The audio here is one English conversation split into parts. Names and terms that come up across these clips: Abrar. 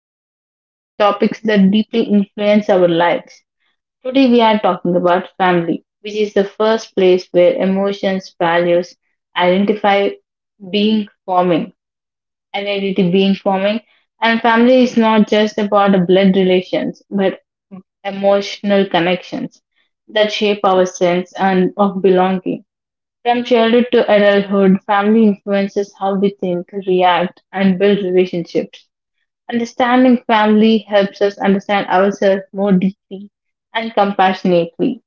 where we discuss topics that deeply influence our lives. Today, we are talking about family, which is the first place where emotions, values, identify being forming, identity being forming. And family is not just about blood relations, but emotional connections that shape our sense and of belonging. From childhood to adulthood, family influences how we think, react, and build relationships. Understanding family helps us understand ourselves more deeply and compassionately.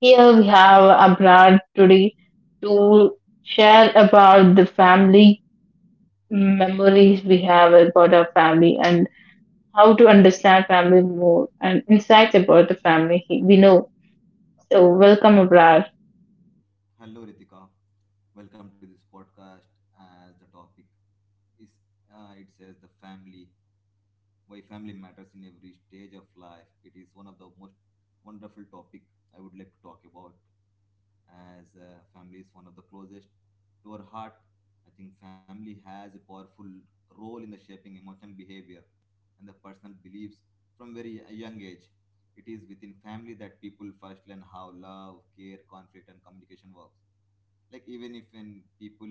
Here we have Abrar today to share about the family memories we have about our family and how to understand family more and insights about the family we know. So, Welcome, Abrar. Hello, Ritika. Welcome to this podcast. As the topic is, it says, the family, why family matters in every stage of life. It is one of the most wonderful topic I would like to talk about. As Family is one of the closest to our heart. I think family has a powerful role in the shaping emotional behavior and the personal beliefs from very a young age. It is within family that people first learn how love, care, conflict, and communication works, like even if when people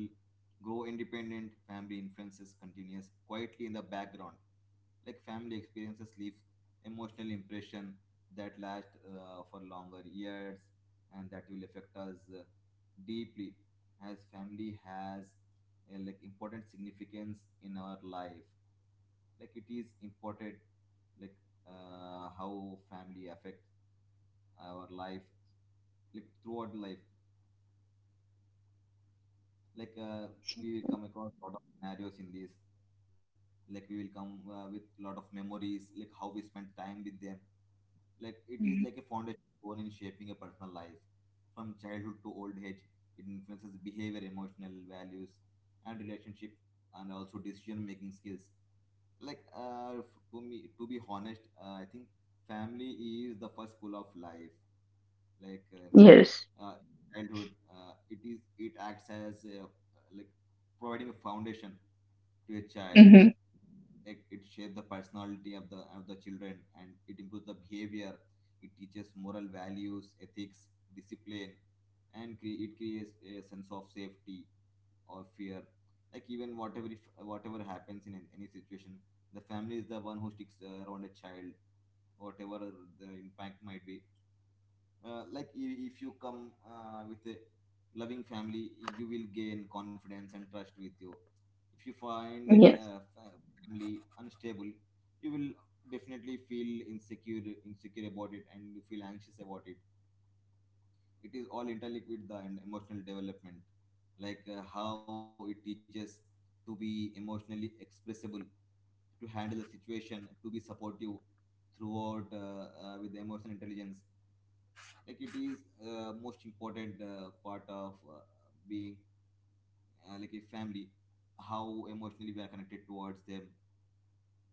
grow independent, family influences continues quietly in the background. Like family experiences leave emotional impression that last for longer years, and that will affect us deeply, as family has a like important significance in our life, like it is important, like how family affects our life, like throughout life, like uh, we will come across a lot of scenarios in this, like we will come with a lot of memories, like how we spent time with them. Like it Mhm. is like a foundation stone in shaping a personal life from childhood to old age. It influences behavior, emotional values, and relationship, and also decision making skills. Like to me, to be honest, I think family is the first school of life. like uh, Yes. uh, childhood, it acts as a, like, providing a foundation to a child. Hmm. Like it shapes the personality of the children, and it improves the behavior. It teaches moral values, ethics, discipline, and it creates a sense of safety or fear. Like even whatever if, whatever happens in any situation, the family is the one who sticks around a child, whatever the impact might be. Like if you come with a loving family, you will gain confidence and trust with you. If you find a Yes. Family unstable, you will definitely feel insecure about it, and you feel anxious about it. It is all interlinked with the emotional development. Like how it teaches to be emotionally expressible, to handle the situation, to be supportive throughout, with emotional intelligence. Like it is most important part of, being, like, a family, how emotionally we are connected towards them,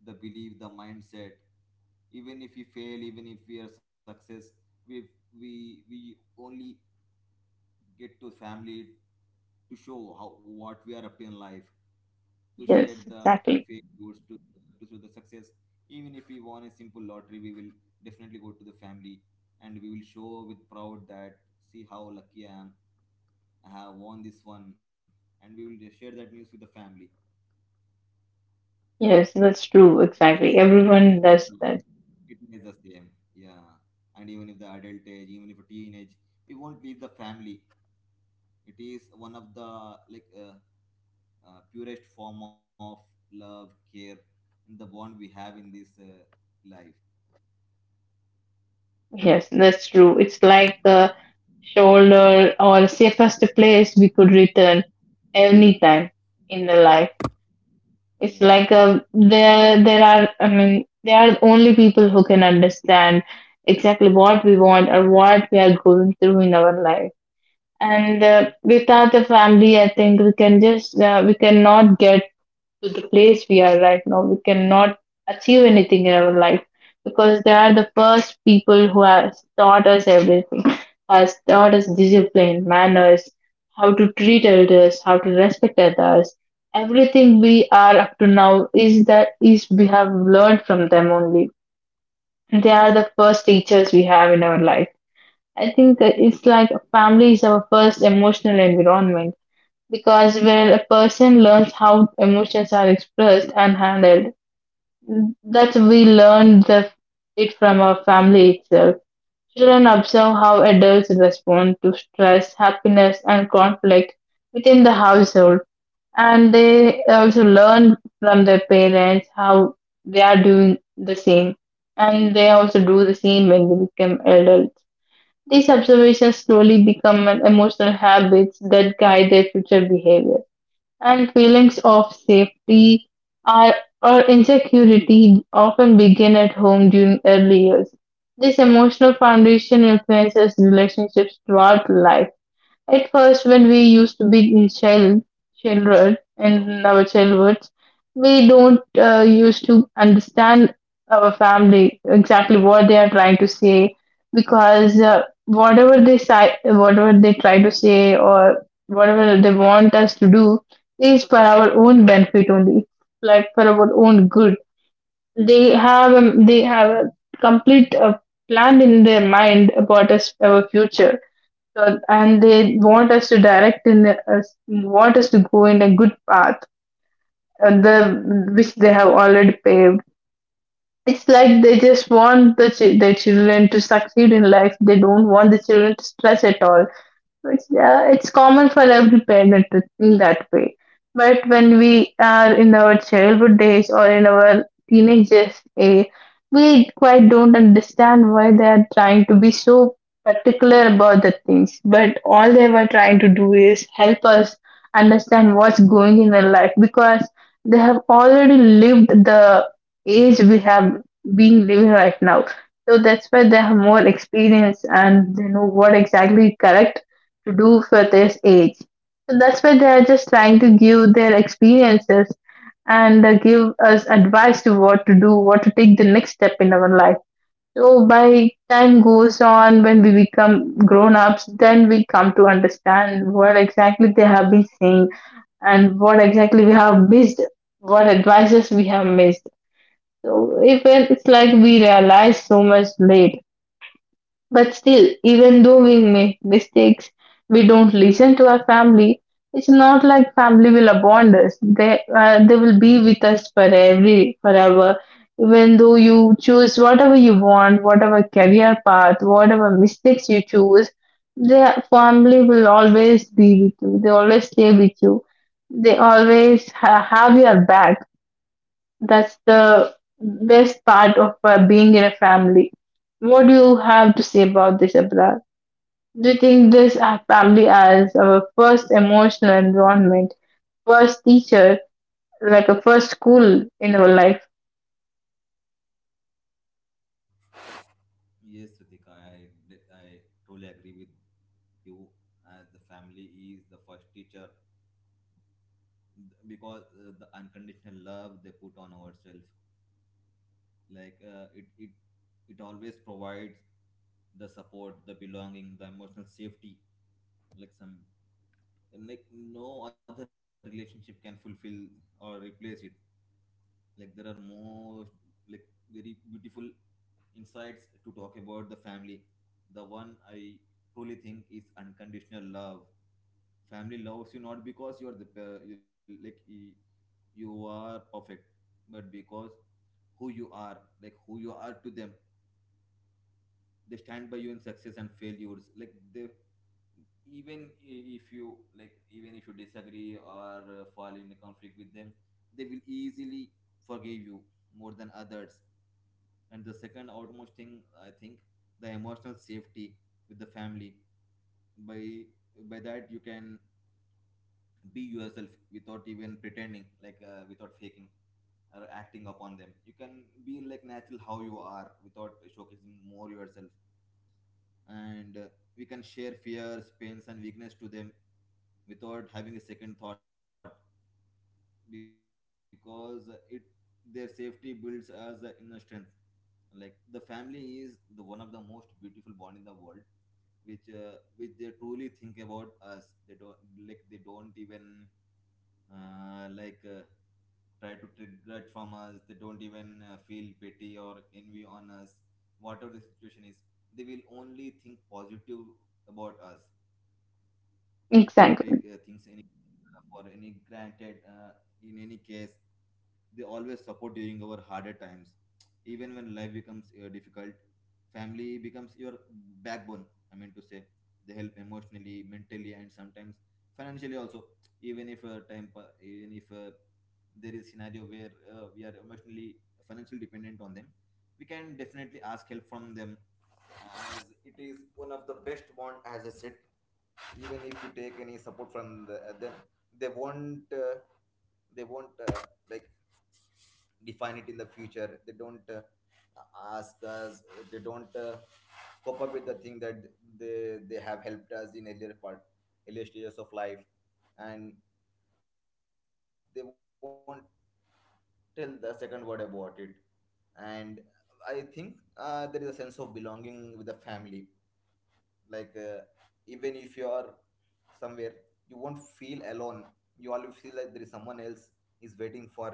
the belief, the mindset. Even if we fail, even if we are success, we we we only get to family to show how, what we are up to in life, to share Yes, the exactly. failures, to show the success. Even if we won a simple lottery, we will definitely go to the family, and we will show with proud that, see how lucky I am, I have won this one, and we will just share that news with the family. Yes, that's true. Exactly. Every stage of Everyone the does life, that. it is the same. Yeah, and even if the adult age, even if a teenage, we won't leave the family. It is one of the purest form of love, care, and the bond we have in this life. Yes, that's true. It's like the shoulder or safest place we could return anytime in the life. It's Yes, like a, there are, I mean, there are only people who can understand exactly what we want or what we are going through in our life. And without the family, I think we can just we cannot get to the place we are right now, we cannot achieve anything in our life, because they are the first people who has taught us everything, has taught us discipline, manners, how to treat others, how to respect others. Everything we are up to now is that is we have learned from them only. They are the first teachers we have in our life. I think that it's like family is our first emotional environment, because when a person learns how emotions are expressed and handled, that's we learn the, it from our family itself. Children observe how adults respond to stress, happiness, and conflict within the household, and they also learn from their parents how they are doing the same, and they also do the same when they become adults. These observations slowly become an emotional habits that guide their future behavior, and feelings of safety are, or insecurity, often begin at home during early years. This emotional foundation influences relationships throughout life. At first, when we used to be in child, children in our childhoods, we don't used to understand our family exactly what they are trying to say, because whatever they say, whatever they try to say, or whatever they want us to do is for our own benefit only, like for our own good. They have a complete plan in their mind about us, our future, and they want us to direct in the, us want us to go in a good path, the which they have already paved. It's like they just want the their children to succeed in life. They don't want the children to stress at all. It's, yeah, it's common for every parent to think that way. But when we are in our childhood days or in our teenagers, we quite don't understand why they are trying to be so particular about the things. But all they were trying to do is help us understand what's going in their life, because they have already lived the age we have been living right now. So that's why they have more experience, and they know what exactly correct to do for this age. So that's why they are just trying to give their experiences and give us advice to what to do, what to take the next step in our life. So by time goes on, when we become grown ups, then we come to understand what exactly they have been saying and what exactly we have missed, what advices we have missed. So even it's like we realize so much late. But still, even though we make mistakes, we don't listen to our family. It's not like family will abandon us. They will be with us for every forever. Even though you choose whatever you want, whatever career path, whatever mistakes you choose, their family will always be with you. They always stay with you. They always have your back. That's the best part of being in a family. What do you have to say about this, Abrar? Do you think this family as our first emotional environment, first teacher, like a first school in our life? yes, Ritika, I totally agree with you. As the family is the first teacher, because the unconditional love they put on ourselves, it always provides the support, the belonging, the emotional safety, like some, and like no other relationship can fulfill or replace it. Like there are more, like, very beautiful insights to talk about the family. The one I truly think is unconditional love. Family loves you not because you are perfect, but because who you are, like who you are to them. They stand by you in success and failures. Like they, even if you, like, even if you disagree or fall in a conflict with them, they will easily forgive you more than others. And the second outmost thing I think, the emotional safety with the family, by by that you can be yourself without even pretending, like without faking or acting upon them. You can be like natural how you are without showcasing more yourself. And we can share fears, pains, and weakness to them without having a second thought, because it, their safety builds us inner strength. Like the family is the one of the most beautiful bond in the world, which, which they truly think about us. They don't, like they don't even, uh, like uh, try to regret from us. They don't even feel pity or envy on us, whatever the situation is. They will only think positive about us. They can't Exactly, take things any, for any granted in any case. They always support during our harder times. Even when life becomes difficult, family becomes your backbone, I mean to say. They help emotionally, mentally, and sometimes financially also. Even if there is scenario where we are emotionally, financially dependent on them, we can definitely ask help from them, as it is one of the best bond, as I said. Even if you take any support from the, them, they won't, they won't uh, like, define it in the future. They don't ask us, they don't cope up with the thing that they have helped us in earlier part, earlier stages of life, and they won't tell the second word about it. And I think there is a sense of belonging with the family. Like, even if you are somewhere, you won't feel alone. You always feel like there is someone else is waiting for me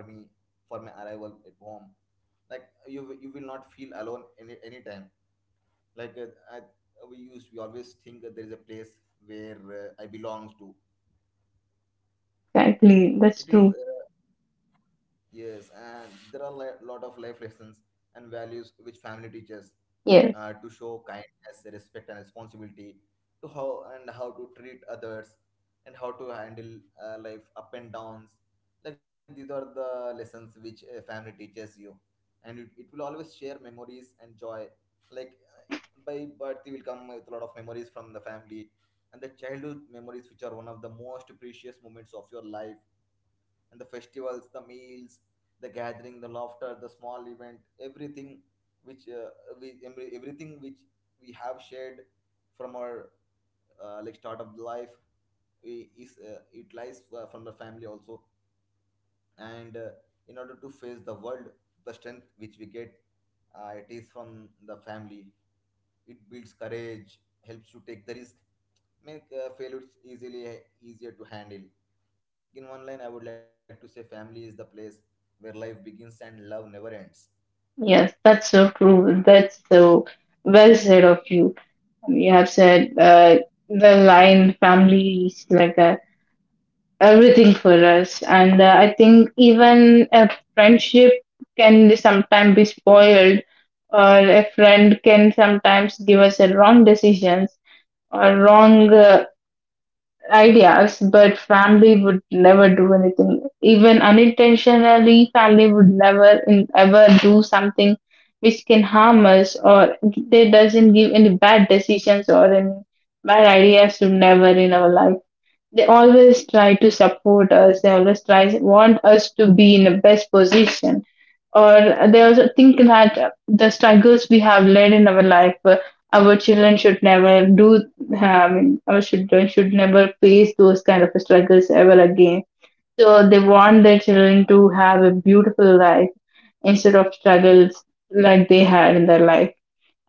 for my arrival at home. Like you will not feel alone anytime. Like I, we use, we always think that there is a place where I belong to. exactly. It That's is, true. Yes, and there are a lot of life lessons and values which family teaches, Yes, to show kindness, respect, and responsibility, to how and how to treat others, and how to handle life up and downs. Like these are the lessons which a family teaches you, and it will always share memories and joy. Like, by birth, you will come with a lot of memories from the family, and the childhood memories, which are one of the most precious moments of your life, and the festivals, the meals, the gathering, the laughter, the small event, everything which, we, everything which we have shared from our, like, start of life, we, is, it lies from the family also. And in order to face the world, the strength which we get, it is from the family. It builds courage, helps you take the risk, make failures easily easier to handle. In one line, I would like to say family is the place where life begins and love never ends. yes, that's so true. That's so well said of you. You have said the line family is like a everything for us, and I think even a friendship can sometimes be spoiled, or a friend can sometimes give us a wrong decisions or wrong ideas, but family would never do anything. Even unintentionally, family would never in, ever do something which can harm us, or they doesn't give any bad decisions or any bad ideas to never in our life. They always try to support us. They always try want us to be in the best position, or they also think that the struggles we have led in our life, our children should never do. Have our children should never face those kind of struggles ever again. So they want their children to have a beautiful life instead of struggles like they had in their life.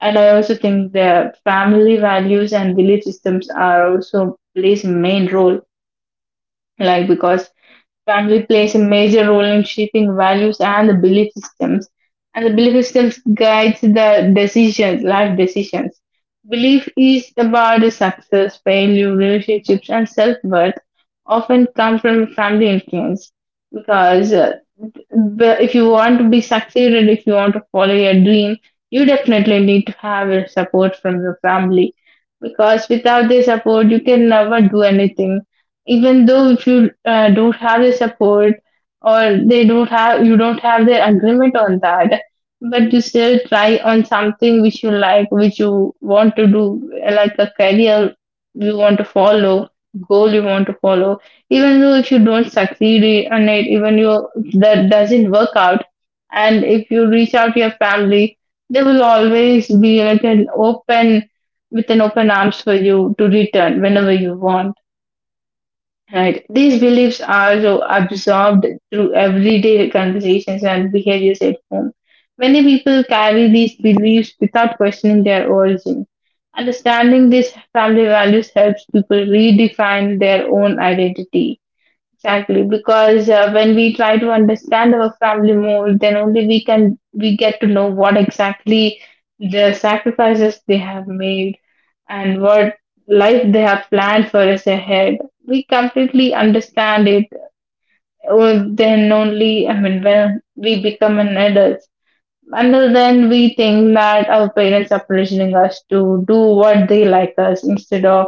And I also think their family values and belief systems are also plays a main role, like, because family plays a major role in shaping values and the belief systems, and the belief systems guides the decisions life decisions. Belief is about the success, failure, relationships, and self-worth often come from family influence. Because but if you want to be succeeded, if you want to follow your dream, you definitely need to have your support from your family, because without their support, you can never do anything. Even though if you don't have their support, or they don't have you don't have their agreement on that, but you still try on something which you like, which you want to do, like a career you want to follow, goal you want to follow, even though if you don't succeed, and it even you that doesn't work out, and if you reach out to your family, they will always be like an open, with an open arms for you to return whenever you want. Right, these beliefs are so absorbed through everyday conversations and behaviors at home. Many people carry these beliefs without questioning their origin. Understanding these family values helps people redefine their own identity. Exactly, because when we try to understand our family more, then only we can we get to know what exactly the sacrifices they have made and what life they have planned for us ahead. We completely understand it. Oh, then only, I mean, when we become an adult, until then, we think that our parents are pressuring us to do what they like us instead of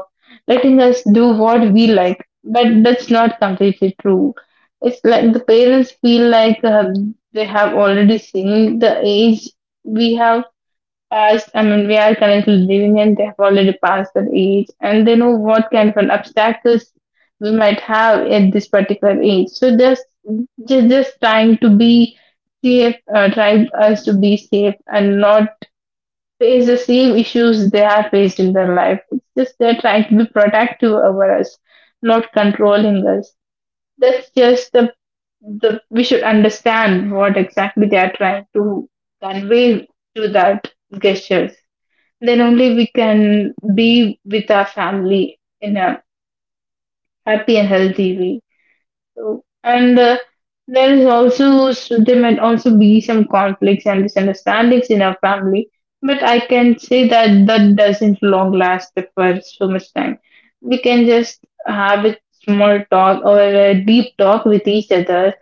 letting us do what we like. But that's not completely true. It's like the parents feel like they have already seen the age we have past, I mean, we are currently living in, they have already passed that age, and they know what kind of an obstacles we might have at this particular age. So just, just trying to be safe, trying us to be safe and not face the same issues they have faced in their life. It's just they're trying to be protective over us, not controlling us. That's just the we should understand what exactly they are trying to convey to that gestures. Then only we can be with our family in a happy and healthy way. So, and there is also so there might also be some conflicts and misunderstandings in our family, but I can say that that doesn't long last for so much time. We can just have a small talk or a deep talk with each other,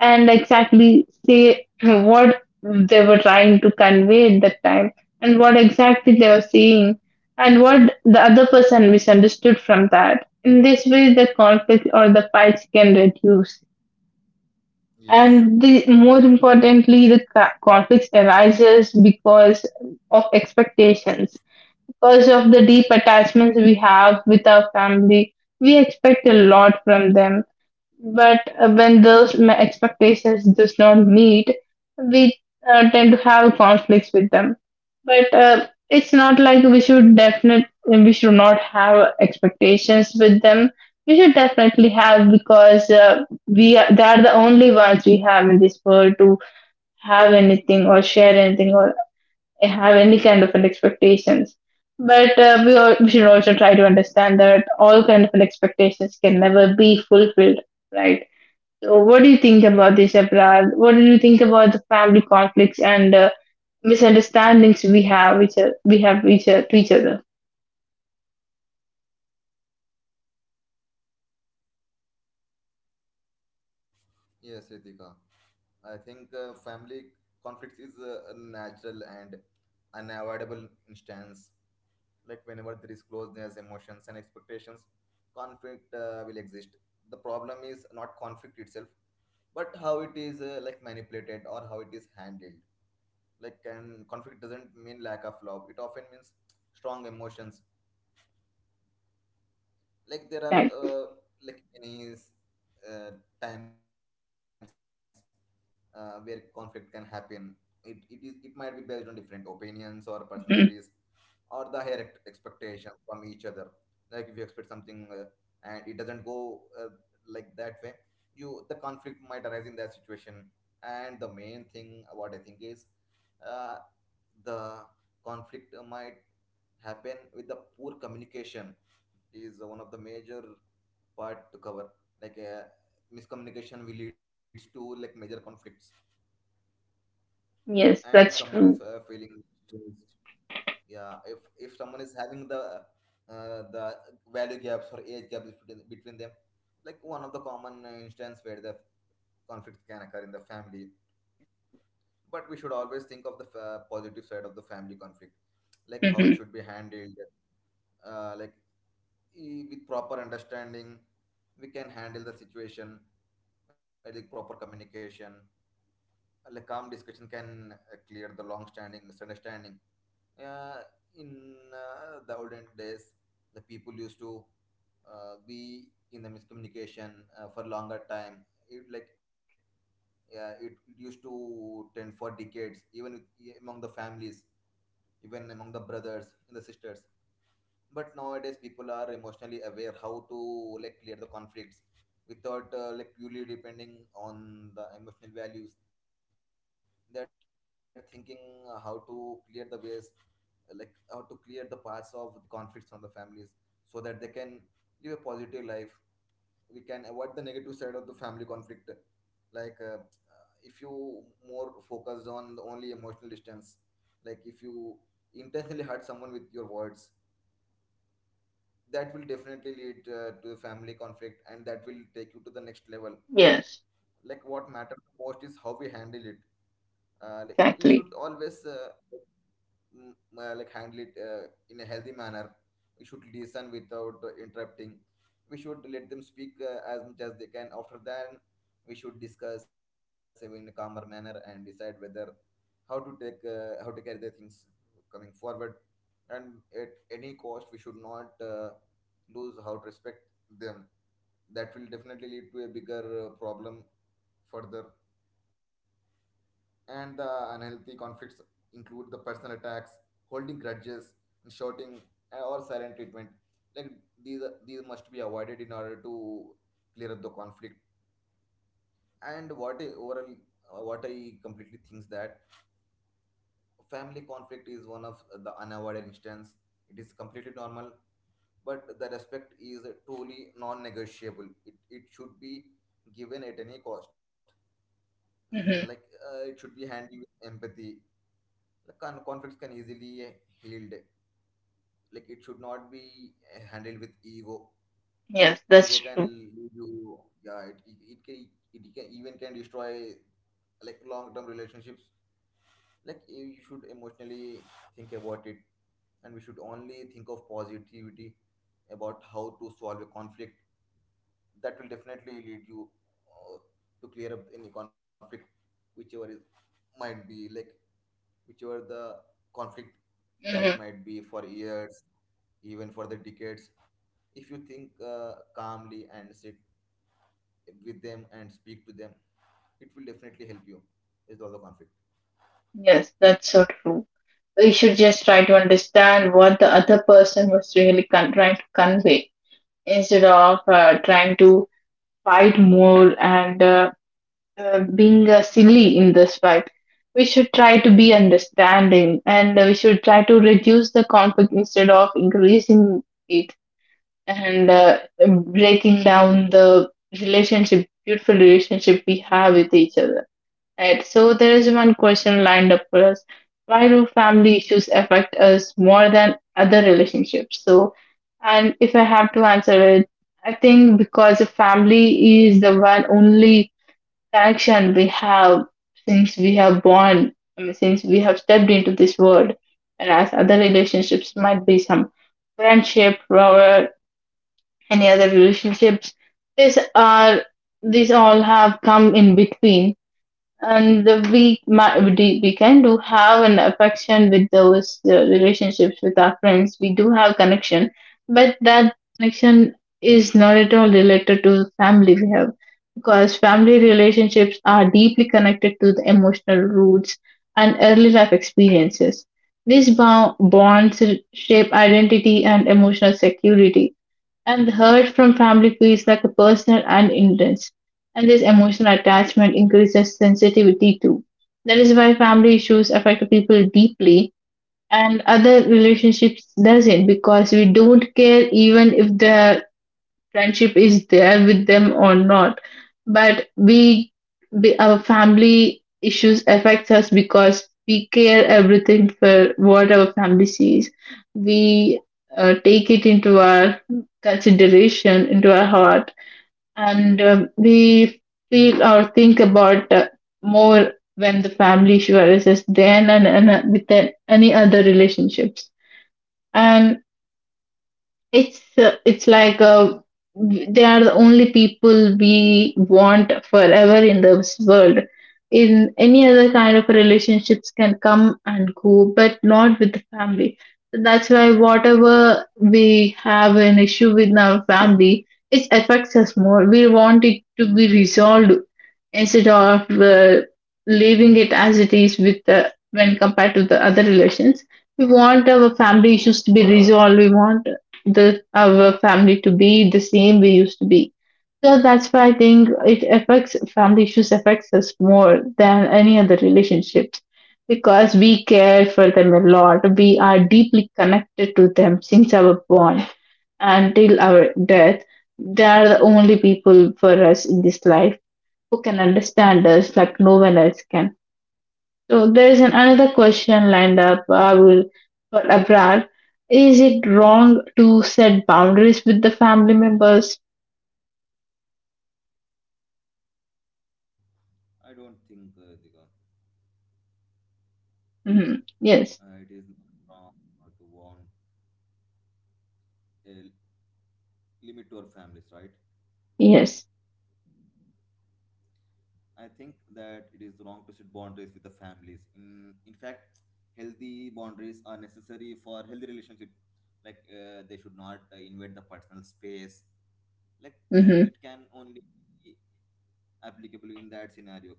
and exactly say what they were trying to convey at that time and what exactly they were saying and what the other person misunderstood from that. In this way, the conflict or the fights can reduce. Yes, And the more importantly, the conflicts arises because of expectations. Because of the deep attachments we have with our family, we expect a lot from them, but when those expectations does not meet, we tend to have conflicts with them. But it's not like we should definitely we should not have expectations with them. We should definitely have, because we are, they are the only ones we have in this world to have anything or share anything or have any kind of an expectations. But we, all, we should also try to understand that all kind of an expectations can never be fulfilled, right? So, what do you think about this, April? What do you think about the family conflicts and misunderstandings we have to each other? yes, Ritika. I think family conflicts is a natural and unavoidable instance. Like whenever there is closeness, emotions, and expectations, conflict will exist. The problem is not conflict itself, but how it is, like, manipulated, or how it is handled. Like, and conflict doesn't mean lack of love, it often means strong emotions. Like there are, Right. Many uh, times where conflict can happen. It, it is it might be based on different opinions or personalities, Mhm. or the higher expectations from each other. Like if you expect something, and it doesn't go, like, that way, you, the conflict might arise in that situation. And the main thing what I think is, uh, the conflict might happen with the poor communication is, one of the major part to cover. Like, miscommunication will leads to, like, major conflicts. And Yes, if that's someone is true. Feeling stressed, yeah, if someone is having the, the value gaps or age gaps between them, like one of the common instance where the conflict can occur in the family. But we should always think of the positive side of the family conflict, like how it Hmm. should be handled. uh, like with proper understanding, we can handle the situation. I think proper communication, like, calm discussion can clear the long-standing misunderstanding. Uh, in the olden days, the people used to be in the miscommunication for longer time. It like, yeah, it used to tend for decades, even with, among the families, even among the brothers and the sisters, but nowadays people are emotionally aware how to like clear the conflicts without like purely depending on the emotional values. They're thinking how to clear the ways, like how to clear the paths of the conflicts on the families, so that they can live a positive life. We can avoid the negative side of the family conflict. like uh, if you more focused on the only emotional distance, like if you intentionally hurt someone with your words, that will definitely lead to family conflict, and that will take you to the next level, Yes, like what matters most is how we handle it. And we exactly. should always mm, like handle it in a healthy manner. We should listen without interrupting. We should let them speak as much as they can. After that, we should discuss in a calmer manner and decide whether how to take how to carry the things coming forward. And at any cost, we should not lose how to respect them. That will definitely lead to a bigger problem further. And the unhealthy conflicts include the personal attacks, holding grudges, and shouting or silent treatment. Like these, these must be avoided in order to clear up the conflict. And what I overall, what I completely thinks that family conflict is one of the unavoidable instance. It is completely normal, but the respect is truly non-negotiable. It should be given at any cost. Mm, like it should be handled with empathy. The conflicts can easily healed, like it should not be handled with ego. Ego can lead you, yeah it can, it can even can destroy like long-term relationships. Like you should emotionally think about it, and we should only think of positivity about how to solve a conflict. That will definitely lead you uh, to clear up any conflict, whichever is might be like, whichever the conflict Hmm. that might be for years, even for the decades. If you think calmly and sit with them and speak to them, it will definitely help you with all the conflict. Yes, that's so true. We should just try to understand what the other person was really trying to convey instead of trying to fight more and being silly in this fight. We should try to be understanding and we should try to reduce the conflict instead of increasing it, and breaking down the relationship, beautiful relationship we have with each other. Right. So there is one question lined up for us. Why do family issues affect us more than other relationships? So, and if I have to answer it, I think because the family is the one only connection we have since we have born, I mean, since we have stepped into this world. Whereas other relationships might be some friendship or any other relationships. These are, these all have come in between, and we we we can do have an affection with those relationships with our friends, we do have connection, but that connection is not at all related to family we have, because family relationships are deeply connected to the emotional roots and early life experiences. These bonds shape identity and emotional security, and the hurt from family feels like a personal and intense. And this emotional attachment increases sensitivity too. That is why family issues affect people deeply and other relationships doesn't, because we don't care even if the friendship is there with them or not, but we, our family issues affects us because we care everything for what our family sees. We take it into our consideration, into our heart, and we feel or think about, more when the family issue arises than, and with any other relationships. And it's like, they are the only people we want forever in this world. In any other kind of relationships can come and go, but not with the family. So that's why whatever we have an issue with our family, it affects us more. We want it to be resolved instead of leaving it as it is with the, when compared to the other relations. We want our family issues to be resolved. We want the our family to be the same we used to be. So that's why I think it affects, family issues affects us more than any other relationships, because we care for them a lot. We are deeply connected to them since our born until our death. They are the only people for us in this life who can understand us like no one else can. So there is an, another question lined up, Abul, for Abrar. Is it wrong to set boundaries with the family members? I don't think, Ritika, Hmm. Yes, it is not wrong to want a limit to our families, right? yes. I think that it is wrong to set boundaries with the families. In fact, healthy boundaries are necessary for healthy relationship. Like they should not invade the personal space. Like Hmm. it can only be applicable in that scenario.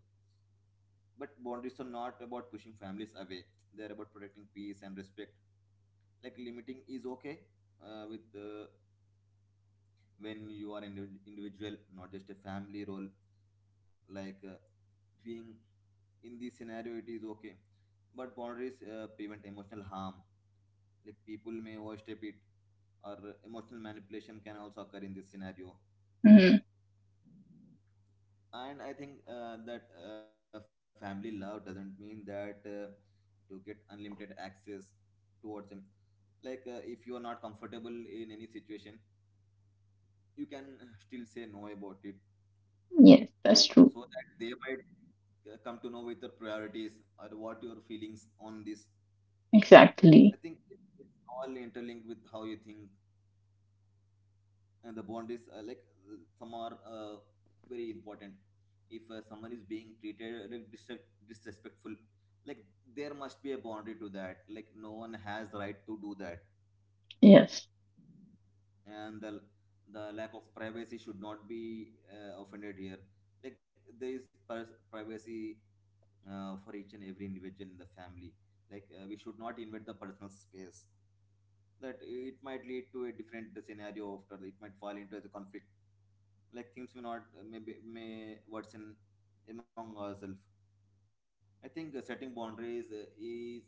But boundaries are not about pushing families away. They're about protecting peace and respect. Like limiting is okay with when you are an individual, not just a family role. Like being in this scenario, it is okay. But boundaries prevent emotional harm. Like people may overstep it, or emotional manipulation can also occur in this scenario. Hmm. And I think that family love doesn't mean that to get unlimited access towards, like if you are not comfortable in any situation, you can still say no about it, Yes, that's true. so that they might come to know with your priorities or what your feelings on this. I Exactly. think it's all interlinked with how you think, and the bond is some are very important. If someone is being treated like, disrespectful, like there must be a boundary to that, like no one has the right to do that. Yes. And the lack of privacy should not be offended here. Like there is privacy for each and every individual in the family. Like we should not invade the personal space. That it might lead to a different scenario after, it might fall into the conflict. Like things may not maybe may worsen among ourselves. I think setting boundaries is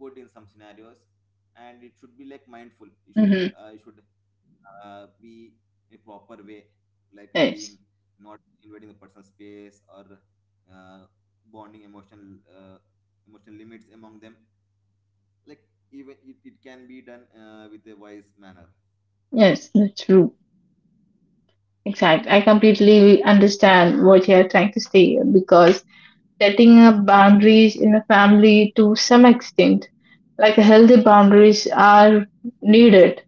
good in some scenarios, and it should be like mindful. You should Hmm. uh, you should be in a proper way, like Yes. being not invading the person's space or uh, bonding emotional emotional limits among them, like even it can be done with a wise manner. Yes, that's true. Exactly. I completely understand what you are trying to say, because setting up boundaries in a family to some extent, like healthy boundaries, are needed.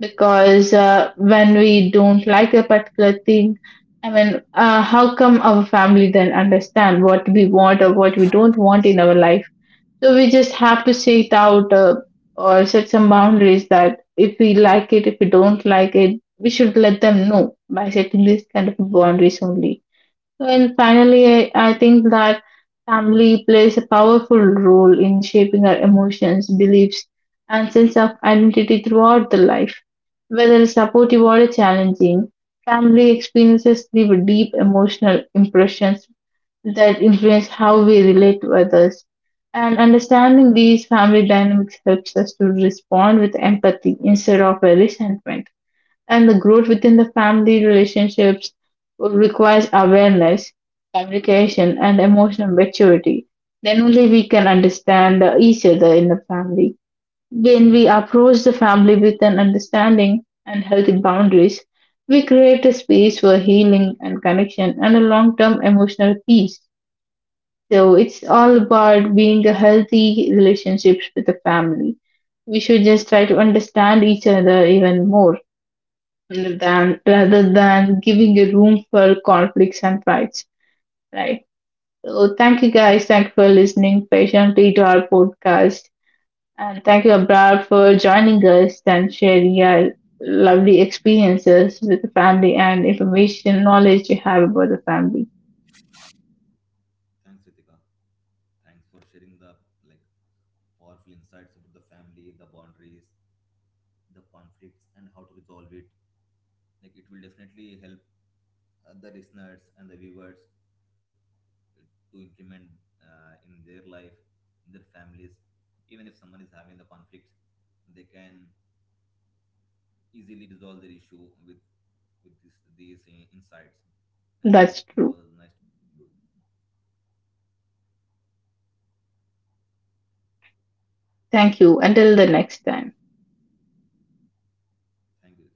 Because when we don't like a particular thing, I mean, how come our family then understand what we want or what we don't want in our life? So we just have to Yes. say it out or set some boundaries, that if we like it, if we don't like it, we should let them know by setting this kind of boundaries only. And finally, I think that family plays a powerful role in shaping our emotions, beliefs, and sense of identity throughout the life. Whether supportive or challenging, family experiences leave deep emotional impressions that influence how we relate to others. And understanding these family dynamics helps us to respond with empathy instead of a resentment. And the growth within the family relationships requires awareness, communication, and emotional maturity. Then only we can understand each other in the family. When we approach the family with an understanding and healthy boundaries, we create a space for healing and connection and a long term emotional peace. So it's all about being a healthy relationships with the family. We should just try to understand each other even more, rather than giving a room for conflicts and fights. Right. So thank you guys, thank you for listening patiently to our podcast, and thank you Abroad for joining us and sharing your lovely experiences with the family and information knowledge you have about the family. Thanks Ritika, thanks for sharing the like powerful insights about the family, the boundaries, the conflicts, and how to resolve it. Like it will definitely help the listeners and the viewers to implement in their life, in their families. Even if someone is having the conflict, they can easily resolve their issue with this, these insights. I think it, That's it true. was nice to. Thank you until the next time. Thank you.